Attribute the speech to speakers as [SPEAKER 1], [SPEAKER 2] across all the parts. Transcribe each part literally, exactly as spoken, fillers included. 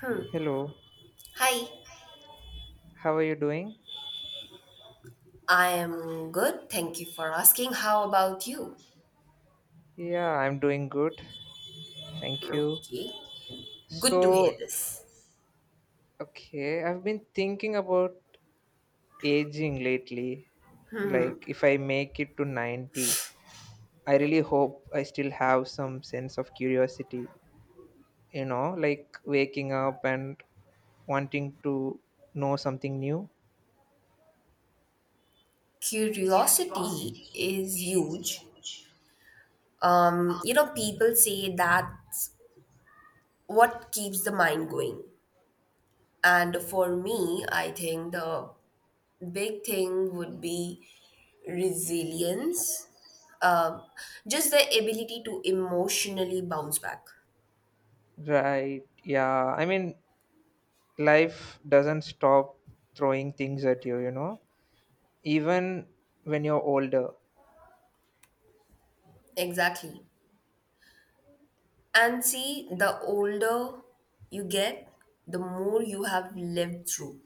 [SPEAKER 1] Hmm.
[SPEAKER 2] Hello,
[SPEAKER 1] Hi,
[SPEAKER 2] how are you doing?
[SPEAKER 1] I am good. Thank you for asking. How about you?
[SPEAKER 2] Yeah, I'm doing good. Thank you.
[SPEAKER 1] Okay, good to hear
[SPEAKER 2] So,
[SPEAKER 1] this.
[SPEAKER 2] okay, I've been thinking about aging lately. Like, if I make it to ninety, I really hope I still have some sense of curiosity, you know, like waking up and wanting to know something new.
[SPEAKER 1] Curiosity is huge. Um, you know, people say that's what keeps the mind going. And for me, I think the big thing would be resilience. Um, just the ability to emotionally bounce back.
[SPEAKER 2] Right, yeah. I mean, life doesn't stop throwing things at you, you know, even when you're older.
[SPEAKER 1] Exactly. And see, the older you get, the more you have lived through.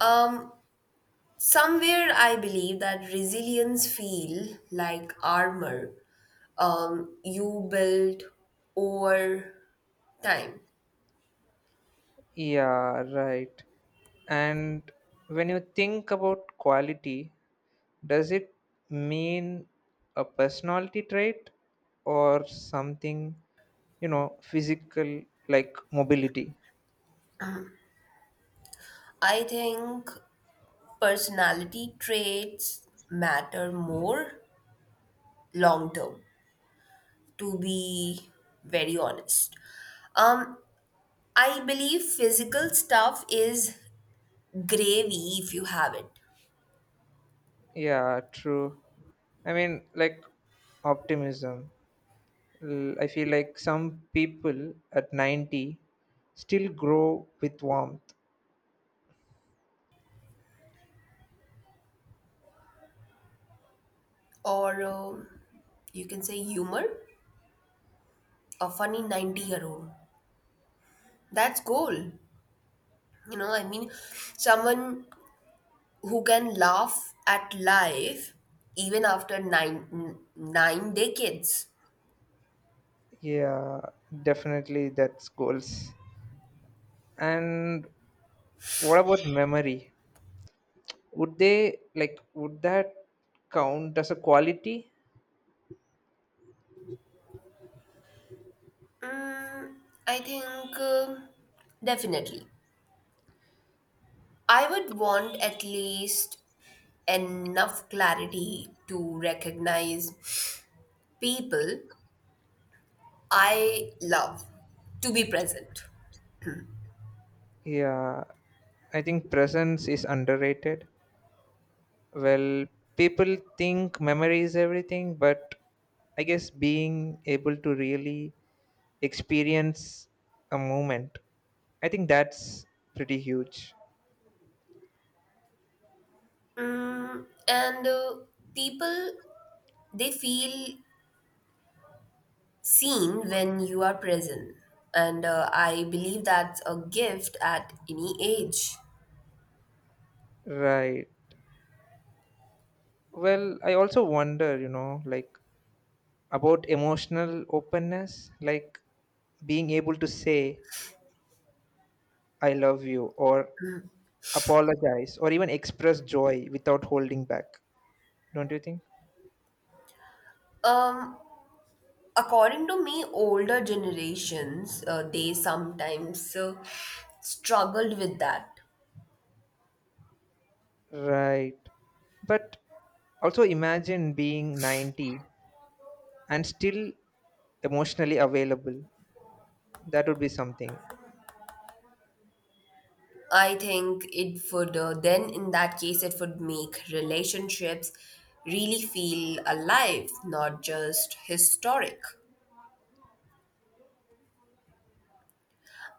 [SPEAKER 1] Um, Somewhere I believe that resilience feel like armor um, you build over time.
[SPEAKER 2] Yeah, right. And when you think about quality, does it mean a personality trait or something, you know, physical like mobility?
[SPEAKER 1] I think personality traits matter more long term, to be very honest. Um, I believe physical stuff is gravy if you have it.
[SPEAKER 2] Yeah, true. I mean, like optimism. L- I feel like some people at ninety still grow with warmth.
[SPEAKER 1] Or um you can say humor, a funny ninety year old, that's goal, you know I mean someone who can laugh at life even after nine n- nine decades.
[SPEAKER 2] Yeah, definitely that's goals. And what about memory? Would they like Would that count as a quality?
[SPEAKER 1] Mm, I think um definitely I would want at least enough clarity to recognize people I love, to be present.
[SPEAKER 2] Yeah, I think presence is underrated. Well, people think memory is everything, but I guess being able to really experience a moment, I think that's pretty huge.
[SPEAKER 1] Mm, and uh, people, they feel seen when you are present, and uh, I believe that's a gift at any age.
[SPEAKER 2] Right. Well, I also wonder, you know, like about emotional openness, like being able to say, I love you, or apologize or even express joy without holding back, don't you think?
[SPEAKER 1] um According to me, older generations uh, they sometimes uh, struggled with that.
[SPEAKER 2] Right, but also imagine being ninety and still emotionally available. That would be something.
[SPEAKER 1] I think it would uh, then in that case it would make relationships really feel alive, not just historic.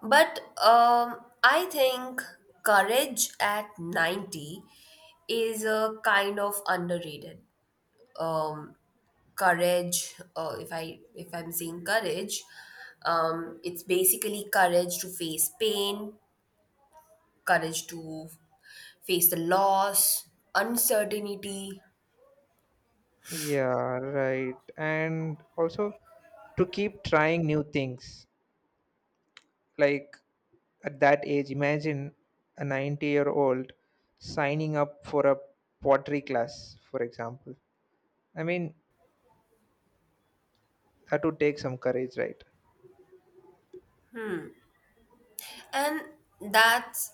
[SPEAKER 1] But um, I think courage at ninety is a kind of underrated. Um, Courage, uh, if I if I'm saying courage, um, it's basically courage to face pain, courage to face the loss, uncertainty,
[SPEAKER 2] Yeah, right. And also to keep trying new things, like at that age imagine a ninety year old signing up for a pottery class, for example. I mean, that would take some courage, right?
[SPEAKER 1] and that's,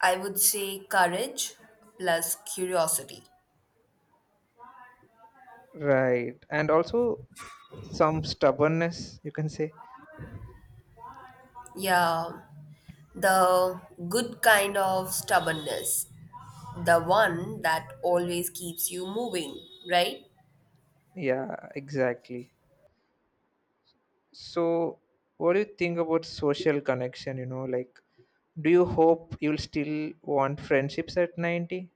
[SPEAKER 1] I would say, courage plus curiosity.
[SPEAKER 2] Right. And also some stubbornness, you can say.
[SPEAKER 1] Yeah, the good kind of stubbornness, the one that always keeps you moving, right?
[SPEAKER 2] Yeah, exactly. So what do you think about social connection? You know like, do you hope you'll still want friendships at ninety?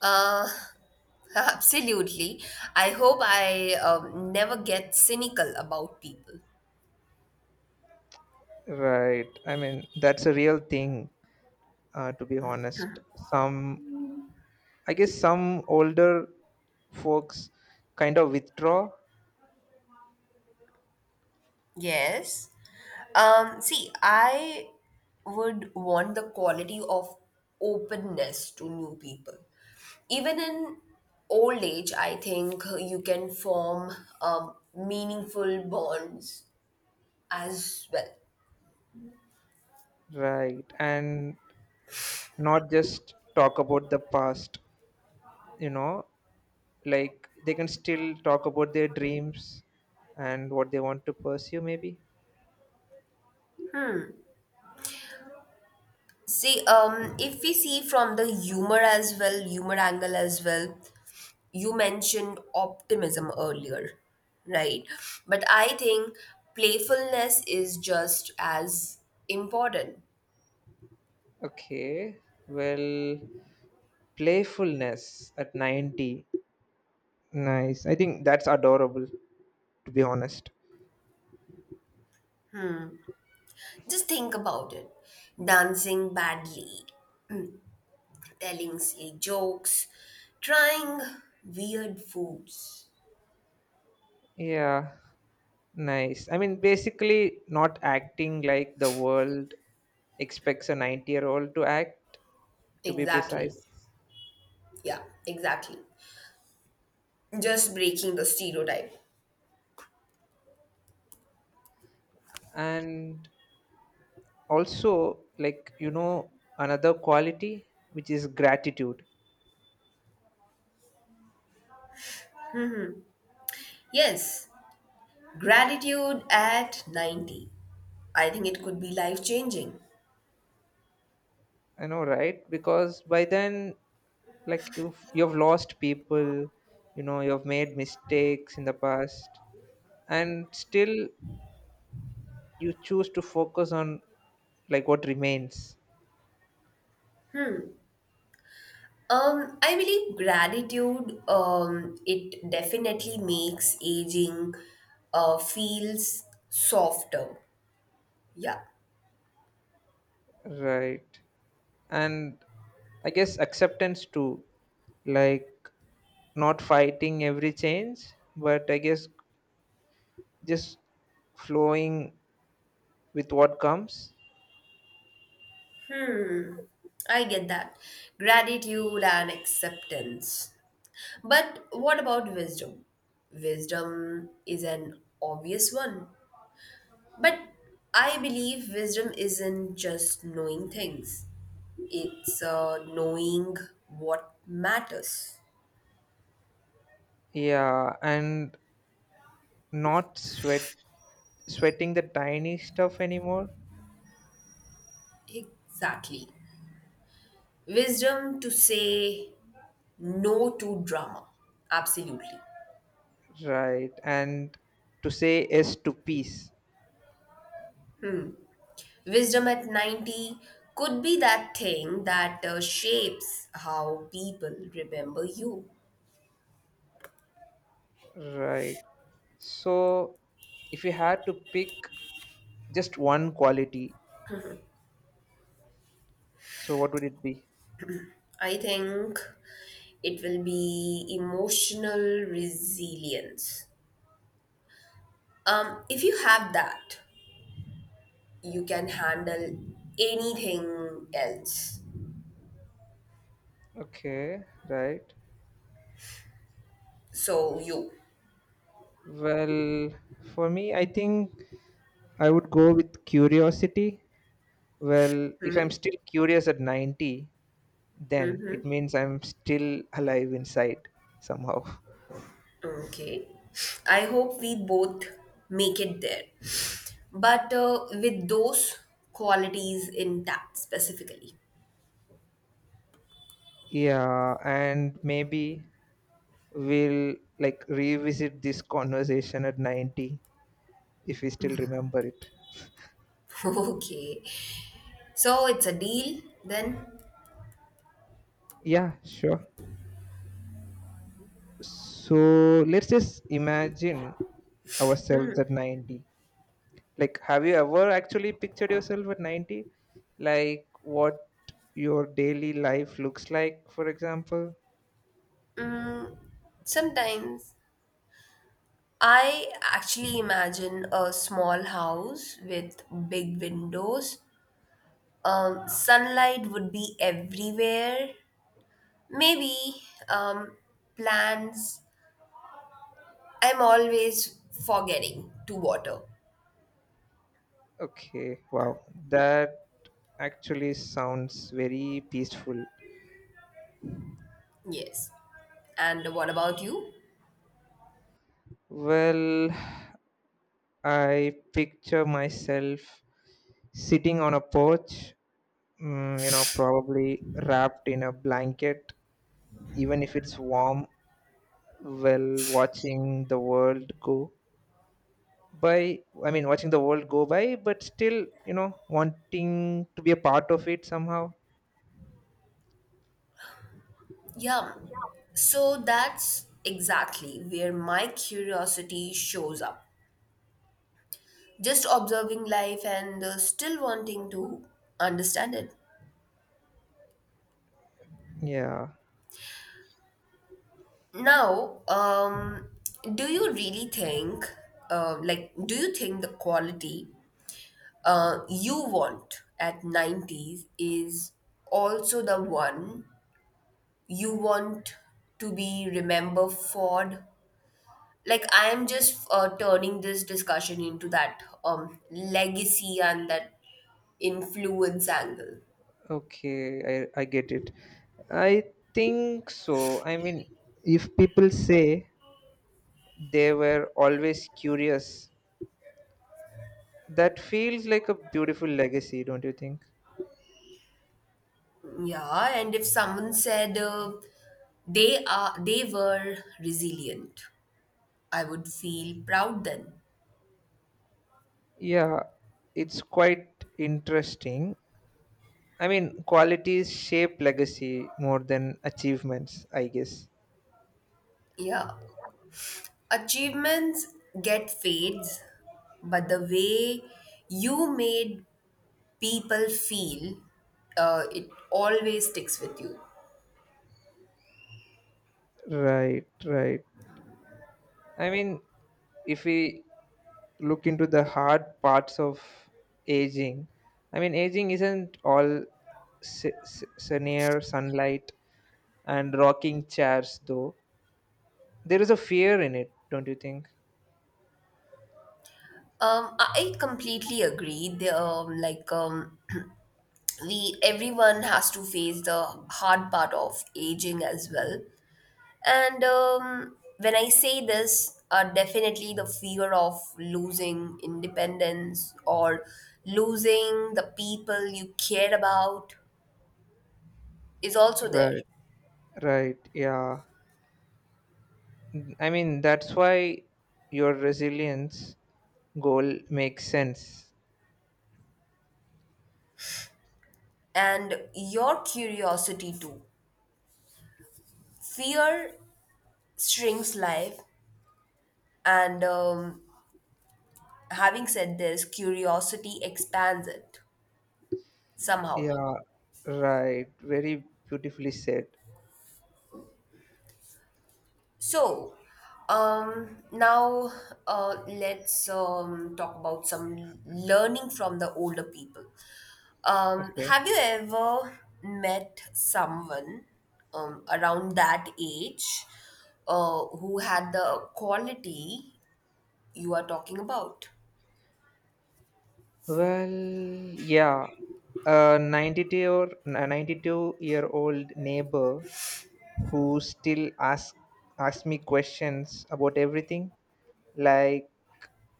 [SPEAKER 1] Uh, absolutely. I hope I um, never get cynical about people.
[SPEAKER 2] Right, I mean that's a real thing. Uh, to be honest, some I guess some older folks kind of withdraw.
[SPEAKER 1] Yes. Um, see, I would want the quality of openness to new people. Even in old age, I think you can form um, meaningful bonds as well.
[SPEAKER 2] Right. And not just talk about the past you know like they can still talk about their dreams and what they want to pursue maybe.
[SPEAKER 1] See, um, if we see from the humor as well, humor angle as well, you mentioned optimism earlier, right? But I think playfulness is just as important.
[SPEAKER 2] Okay, well, playfulness at ninety, nice. I think that's adorable, to be honest.
[SPEAKER 1] Just think about it. Dancing badly, telling silly jokes, trying weird foods.
[SPEAKER 2] Yeah, nice. I mean, basically not acting like the world expects a ninety year old to act, to be
[SPEAKER 1] Exactly.
[SPEAKER 2] precise.
[SPEAKER 1] Yeah, exactly. Just breaking the stereotype.
[SPEAKER 2] And also, like, you know another quality, which is gratitude.
[SPEAKER 1] Yes, gratitude at ninety. I think it could be life changing.
[SPEAKER 2] I know, right? Because by then, like you've you've lost people, you know, you've made mistakes in the past, and still you choose to focus on, like, what remains,
[SPEAKER 1] Um, I believe gratitude, um, it definitely makes aging uh, feels softer. Yeah,
[SPEAKER 2] right? And I guess acceptance too, like not fighting every change, but I guess just flowing with what comes.
[SPEAKER 1] I get that. Gratitude and acceptance. But what about wisdom? Wisdom is an obvious one. But I believe wisdom isn't just knowing things, it's uh, knowing what matters.
[SPEAKER 2] Yeah, and not sweat sweating the tiny stuff anymore.
[SPEAKER 1] Exactly. Wisdom to say no to drama. Absolutely.
[SPEAKER 2] Right. And to say yes to peace.
[SPEAKER 1] Wisdom at ninety could be that thing that uh, shapes how people remember you.
[SPEAKER 2] Right. So if you had to pick just one quality, so what would it be?
[SPEAKER 1] I think it will be emotional resilience. Um, if you have that, you can handle anything else.
[SPEAKER 2] Okay, right.
[SPEAKER 1] So you.
[SPEAKER 2] Well, for me, I think I would go with curiosity. Well, if I'm
[SPEAKER 1] Mhm.
[SPEAKER 2] still curious at ninety, then
[SPEAKER 1] Hmm.
[SPEAKER 2] it means I'm still alive inside somehow.
[SPEAKER 1] Okay. I hope we both make it there. But uh, with those qualities intact specifically.
[SPEAKER 2] Yeah, and maybe we'll, like, revisit this conversation at ninety if we still remember it.
[SPEAKER 1] Okay. So it's a deal then?
[SPEAKER 2] Yeah, sure. So let's just imagine ourselves at ninety. Like, have you ever actually pictured yourself at ninety? Like, what your daily life looks like, for example?
[SPEAKER 1] Mm, sometimes. I actually imagine a small house with big windows. Um, sunlight would be everywhere. Maybe um, plans I'm always forgetting to water.
[SPEAKER 2] Okay, wow. That actually sounds very peaceful.
[SPEAKER 1] Yes. And what about you?
[SPEAKER 2] Well, I picture myself sitting on a porch, mm, you know, probably wrapped in a blanket even if it's warm. Well, watching the world go by, I mean watching the world go by, but still you know wanting to be a part of it somehow.
[SPEAKER 1] Yeah. So that's exactly where my curiosity shows up. Just observing life and uh, still wanting to understand it.
[SPEAKER 2] Yeah,
[SPEAKER 1] Now, um, do you really think, uh, like, do you think the quality uh, you want at nineties is also the one you want to be remembered for. Like, I am just uh, turning this discussion into that um, legacy and that influence angle.
[SPEAKER 2] okay, i i get it. I think so. I mean, if people say they were always curious, that feels like a beautiful legacy, don't you think?
[SPEAKER 1] Yeah, and if someone said uh, they are they were resilient, I would feel proud then.
[SPEAKER 2] Yeah, it's quite interesting. I mean, qualities shape legacy more than achievements, I guess.
[SPEAKER 1] Yeah. Achievements get fades, but the way you made people feel, uh, it always sticks with you.
[SPEAKER 2] Right, right. I mean, if we look into the hard parts of aging, I mean, aging isn't all se- se- senior sunlight and rocking chairs, though. There is a fear in it, don't you think?
[SPEAKER 1] Um, I I completely agree. The, um, like um, we, everyone has to face the hard part of aging as well. And um, when I say this, uh, definitely the fear of losing independence or losing the people you care about is also there.
[SPEAKER 2] Right, right, yeah. N- I mean, that's why your resilience goal makes sense.
[SPEAKER 1] And your curiosity too. Fear shrinks life, and um, having said this, curiosity expands it somehow.
[SPEAKER 2] Yeah, right. Very beautifully said.
[SPEAKER 1] So, um, now uh, let's um, talk about some learning from the older people. Um,
[SPEAKER 2] Okay.
[SPEAKER 1] have you ever met someone um, around that age uh, who had the quality you are talking about?
[SPEAKER 2] Well, yeah. A ninety-two or a ninety-two year old neighbor who still ask ask me questions about everything. Like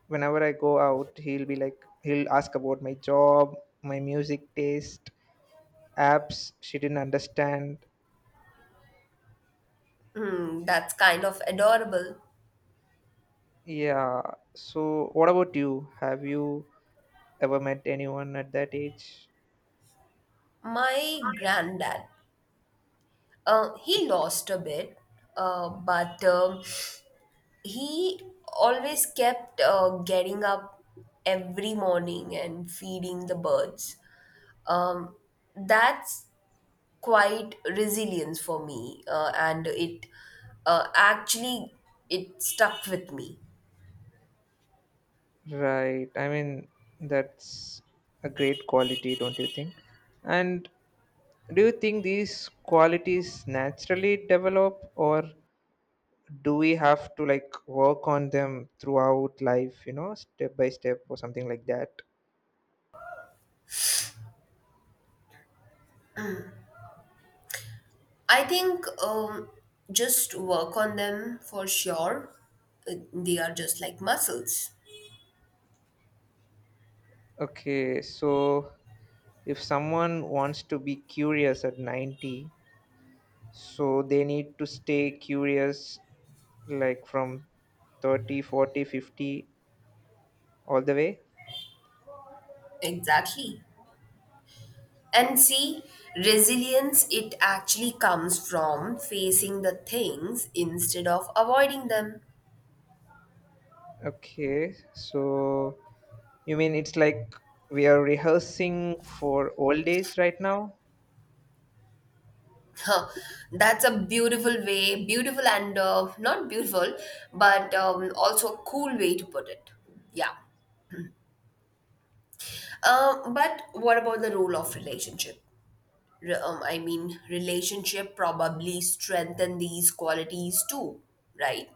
[SPEAKER 2] whenever I go out, he'll be like he'll ask about my job, my music taste, apps she didn't understand.
[SPEAKER 1] Hmm, that's kind of adorable.
[SPEAKER 2] Yeah. So what about you? Have you ever met anyone at that age?
[SPEAKER 1] My granddad, uh, he lost a bit, uh, but um, he always kept uh, getting up every morning and feeding the birds. Um, that's quite resilience for me, uh, and it uh, actually it stuck with me.
[SPEAKER 2] Right. I mean, that's a great quality, don't you think? And do you think these qualities naturally develop, or do we have to, like, work on them throughout life, you know, step by step or something like that?
[SPEAKER 1] I think um, just work on them for sure. Uh, they are just like muscles.
[SPEAKER 2] Okay, so if someone wants to be curious at ninety, so they need to stay curious like from thirty, forty, fifty, all the way.
[SPEAKER 1] Exactly. And see, resilience, it actually comes from facing the things instead of avoiding them.
[SPEAKER 2] Okay, so you mean it's like we are rehearsing for old age right now?
[SPEAKER 1] Huh, that's a beautiful way, beautiful and uh, not beautiful, but um, also a cool way to put it. Yeah. Um, but what about the role of relationship? Re- um, I mean, relationship probably strengthen these qualities too, right?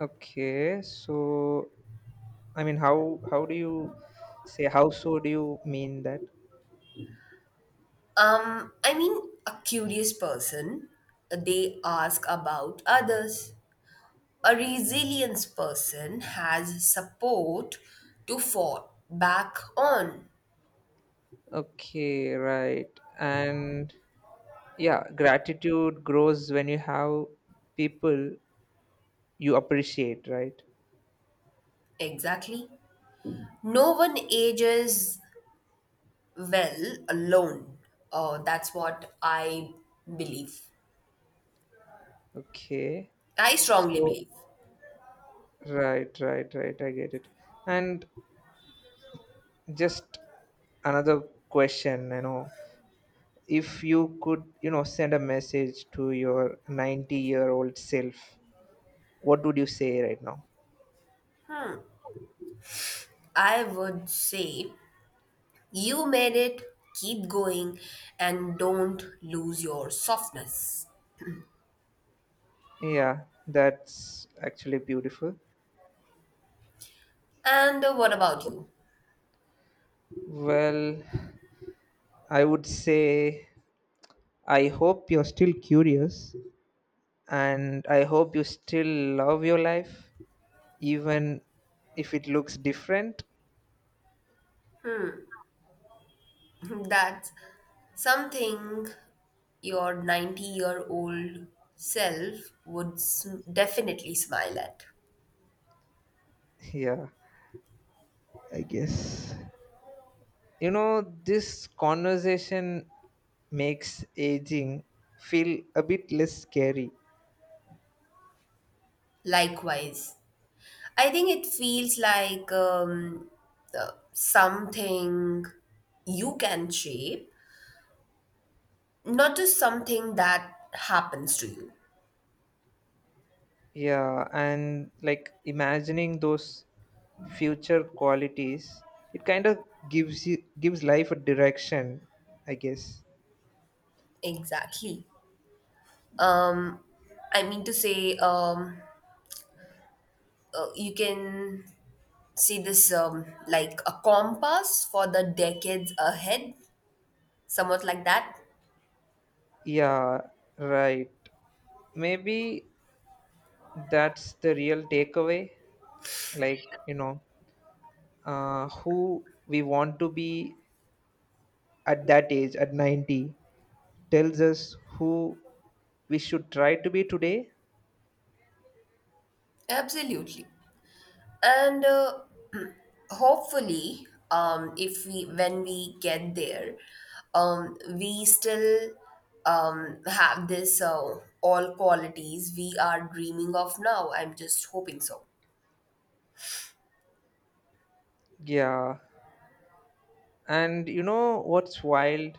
[SPEAKER 2] Okay, so I mean, how how do you say, how so? Do you mean that?
[SPEAKER 1] Um, I mean, a curious person, uh, they ask about others. A resilience person has support to fall back on.
[SPEAKER 2] Okay, right. And yeah, gratitude grows when you have people you appreciate, right?
[SPEAKER 1] Exactly. No one ages well alone. Uh, that's what I believe.
[SPEAKER 2] Okay.
[SPEAKER 1] I strongly
[SPEAKER 2] So,
[SPEAKER 1] believe.
[SPEAKER 2] right, right, right. I get it. And just another question, you know, if you could you know send a message to your ninety year old self, what would you say right now?
[SPEAKER 1] I would say you made it, keep going, and don't lose your softness.
[SPEAKER 2] Yeah, that's actually beautiful.
[SPEAKER 1] And uh, what about you?
[SPEAKER 2] Well, I would say I hope you're still curious, and I hope you still love your life, even if it looks different.
[SPEAKER 1] That's something your ninety year old self would sm- definitely smile at.
[SPEAKER 2] Yeah, I guess you know this conversation makes aging feel a bit less scary.
[SPEAKER 1] Likewise, I think it feels like um, uh, something you can shape, not just something that happens to you.
[SPEAKER 2] Yeah, and like imagining those future qualities, it kind of gives you gives life a direction, I guess.
[SPEAKER 1] Exactly. Um, I mean to say, um, uh, you can see this um, like a compass for the decades ahead, somewhat like that.
[SPEAKER 2] Yeah, right. Maybe that's the real takeaway. Like, you know, uh, who we want to be at that age, at ninety, tells us who we should try to be today.
[SPEAKER 1] Absolutely. And uh, hopefully um, if we when we get there, um, we still um, have this uh, all qualities we are dreaming of now. I'm just hoping so.
[SPEAKER 2] Yeah. And you know what's wild?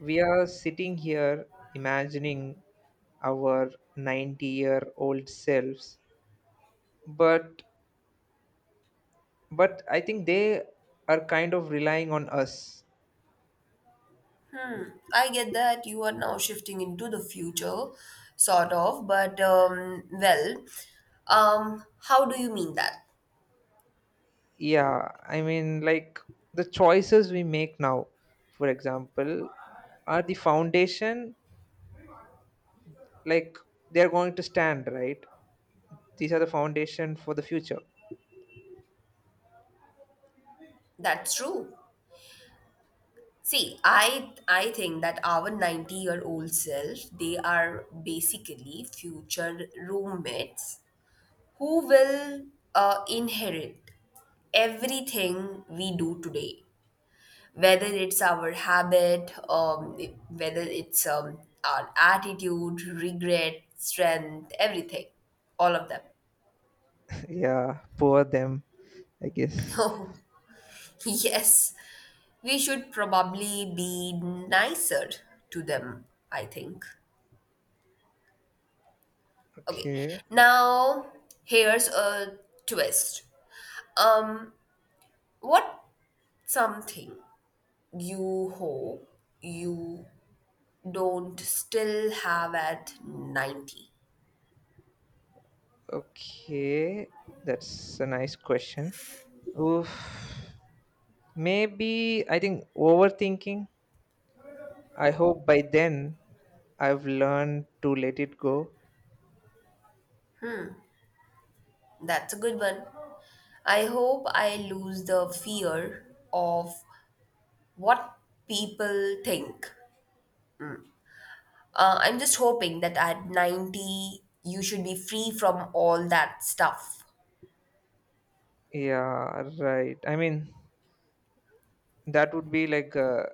[SPEAKER 2] We are sitting here imagining our ninety year old selves, but but I think they are kind of relying on us.
[SPEAKER 1] I get that you are now shifting into the future sort of, but um, well um, how do you mean that?
[SPEAKER 2] Yeah, I mean, like, the choices we make now, for example, are the foundation. Like, they are going to stand, right? These are the foundation for the future.
[SPEAKER 1] That's true. See, I I think that our ninety year old self, they are basically future roommates who will uh, inherit everything we do today, whether it's our habit, um, whether it's um, our attitude, regret, strength, everything, all of them.
[SPEAKER 2] Yeah, poor them, I guess.
[SPEAKER 1] So yes, we should probably be nicer to them, I think. Okay,
[SPEAKER 2] Okay.
[SPEAKER 1] now here's a twist. Um, what something you hope you don't still have at ninety?
[SPEAKER 2] Okay, that's a nice question. Oof. Maybe I think overthinking. I hope by then I've learned to let it go.
[SPEAKER 1] That's a good one. I hope I lose the fear of what people think. Uh, I'm just hoping that at ninety you should be free from all that stuff.
[SPEAKER 2] Yeah, right. I mean, that would be like a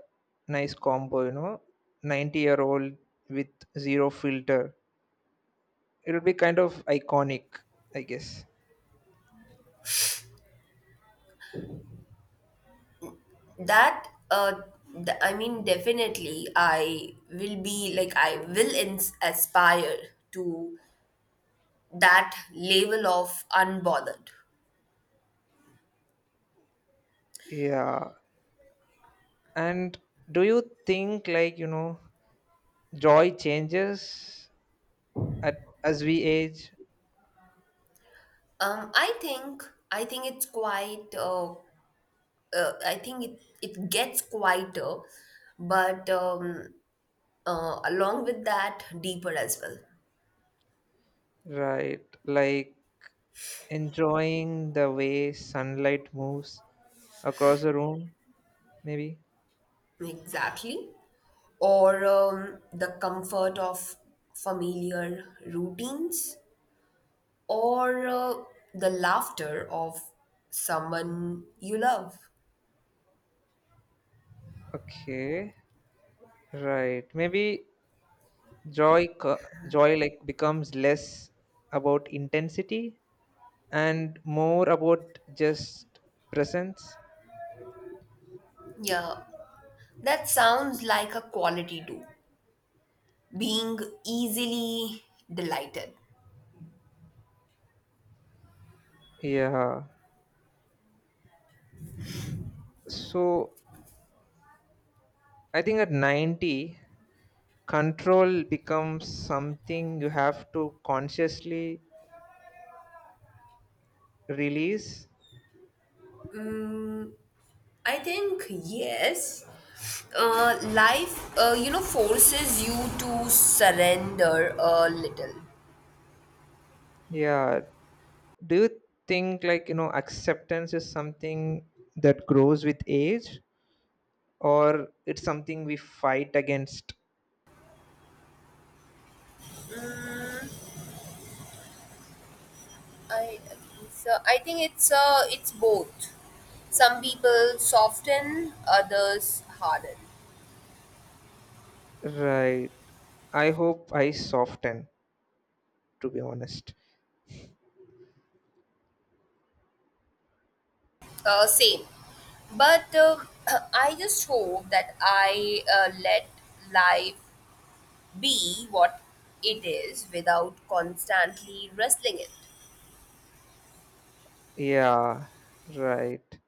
[SPEAKER 2] nice combo, you know, ninety year old with zero filter. It would be kind of iconic, I guess.
[SPEAKER 1] That, uh, th- I mean, definitely, I will be like, I will ins- aspire to that level of unbothered.
[SPEAKER 2] Yeah. And do you think, like, you know, joy changes at, as we age?
[SPEAKER 1] Um, I think, I think it's quite, uh, uh, I think it, it gets quieter, but um, uh, along with that, deeper as well.
[SPEAKER 2] Right. Like enjoying the way sunlight moves across the room, maybe?
[SPEAKER 1] Exactly. Or um, the comfort of familiar routines or uh, the laughter of someone you love.
[SPEAKER 2] Okay. Right. Maybe joy co- joy, like, becomes less about intensity and more about just presence.
[SPEAKER 1] Yeah, that sounds like a quality too. Being easily delighted.
[SPEAKER 2] Yeah. So I think at ninety control becomes something you have to consciously release.
[SPEAKER 1] I think yes. Uh, life, uh, you know, forces you to surrender a little.
[SPEAKER 2] Yeah. Do you think, like, you know, acceptance is something that grows with age, or it's something we fight against?
[SPEAKER 1] I So I think it's uh, it's both. Some people soften, others harden.
[SPEAKER 2] Right. I hope I soften, to be honest.
[SPEAKER 1] Uh, same. But um I just hope that I uh, let life be what it is without constantly wrestling it.
[SPEAKER 2] Yeah, right.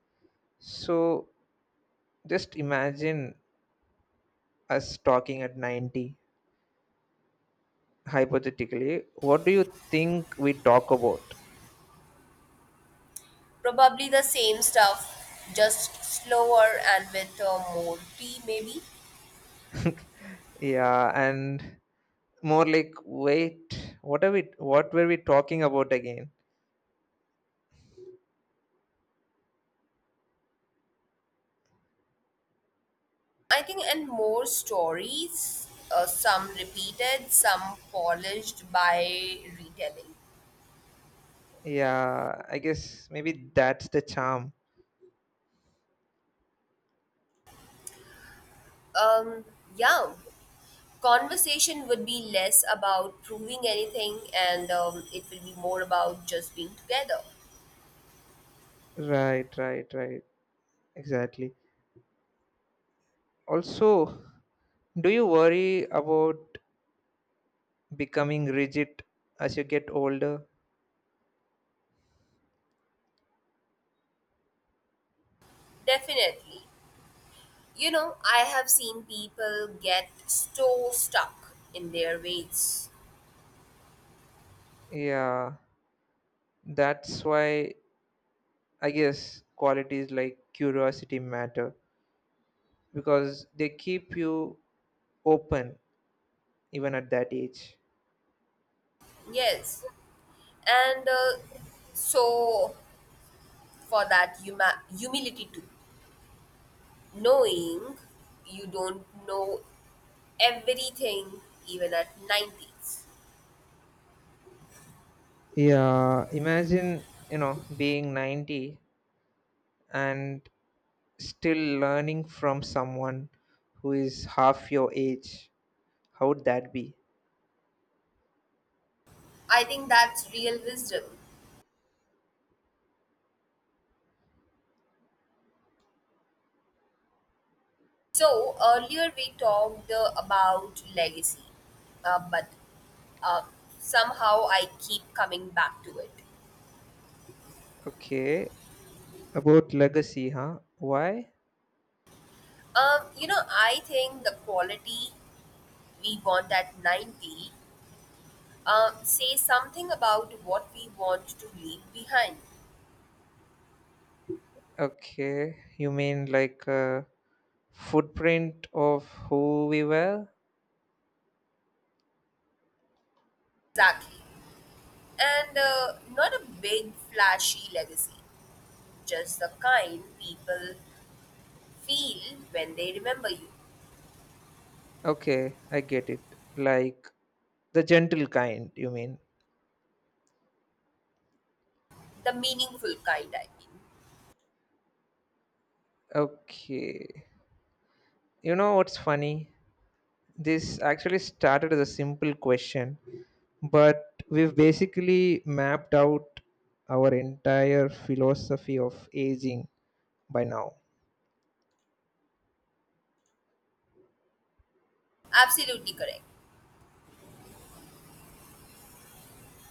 [SPEAKER 2] So just imagine us talking at ninety, hypothetically. What do you think we talk about?
[SPEAKER 1] Probably the same stuff, just slower and with uh, more tea, maybe.
[SPEAKER 2] Yeah, and more like, wait, what are we, what were we talking about again?
[SPEAKER 1] I think, and more stories, uh, some repeated, some polished by retelling.
[SPEAKER 2] Yeah, I guess maybe that's the charm.
[SPEAKER 1] Um, yeah, conversation would be less about proving anything and um, it will be more about just being together.
[SPEAKER 2] Right, right, right. Exactly. Also, do you worry about becoming rigid as you get older?
[SPEAKER 1] Definitely. You know, I have seen people get so stuck in their ways.
[SPEAKER 2] Yeah, that's why I guess qualities like curiosity matter, because they keep you open even at that age.
[SPEAKER 1] Yes. And uh, so, for that huma- humility too, knowing you don't know everything even at nineties.
[SPEAKER 2] Yeah, imagine, you know, being ninety and still learning from someone who is half your age. How would that be?
[SPEAKER 1] I think that's real wisdom. So earlier we talked uh, about legacy, uh, but uh, somehow I keep coming back to it.
[SPEAKER 2] Okay, about legacy, huh? Why?
[SPEAKER 1] Um, you know, I think the quality we want at ninety um, says something about what we want to leave behind.
[SPEAKER 2] Okay, you mean like uh, footprint of who we were.
[SPEAKER 1] Exactly. And uh, not a big, flashy legacy, just the kind people feel when they remember you.
[SPEAKER 2] Okay, I get it. Like, the gentle kind, you mean.
[SPEAKER 1] The meaningful kind, I mean.
[SPEAKER 2] Okay, you know what's funny, this actually started as a simple question, but we've basically mapped out our entire philosophy of aging by now.
[SPEAKER 1] Absolutely correct.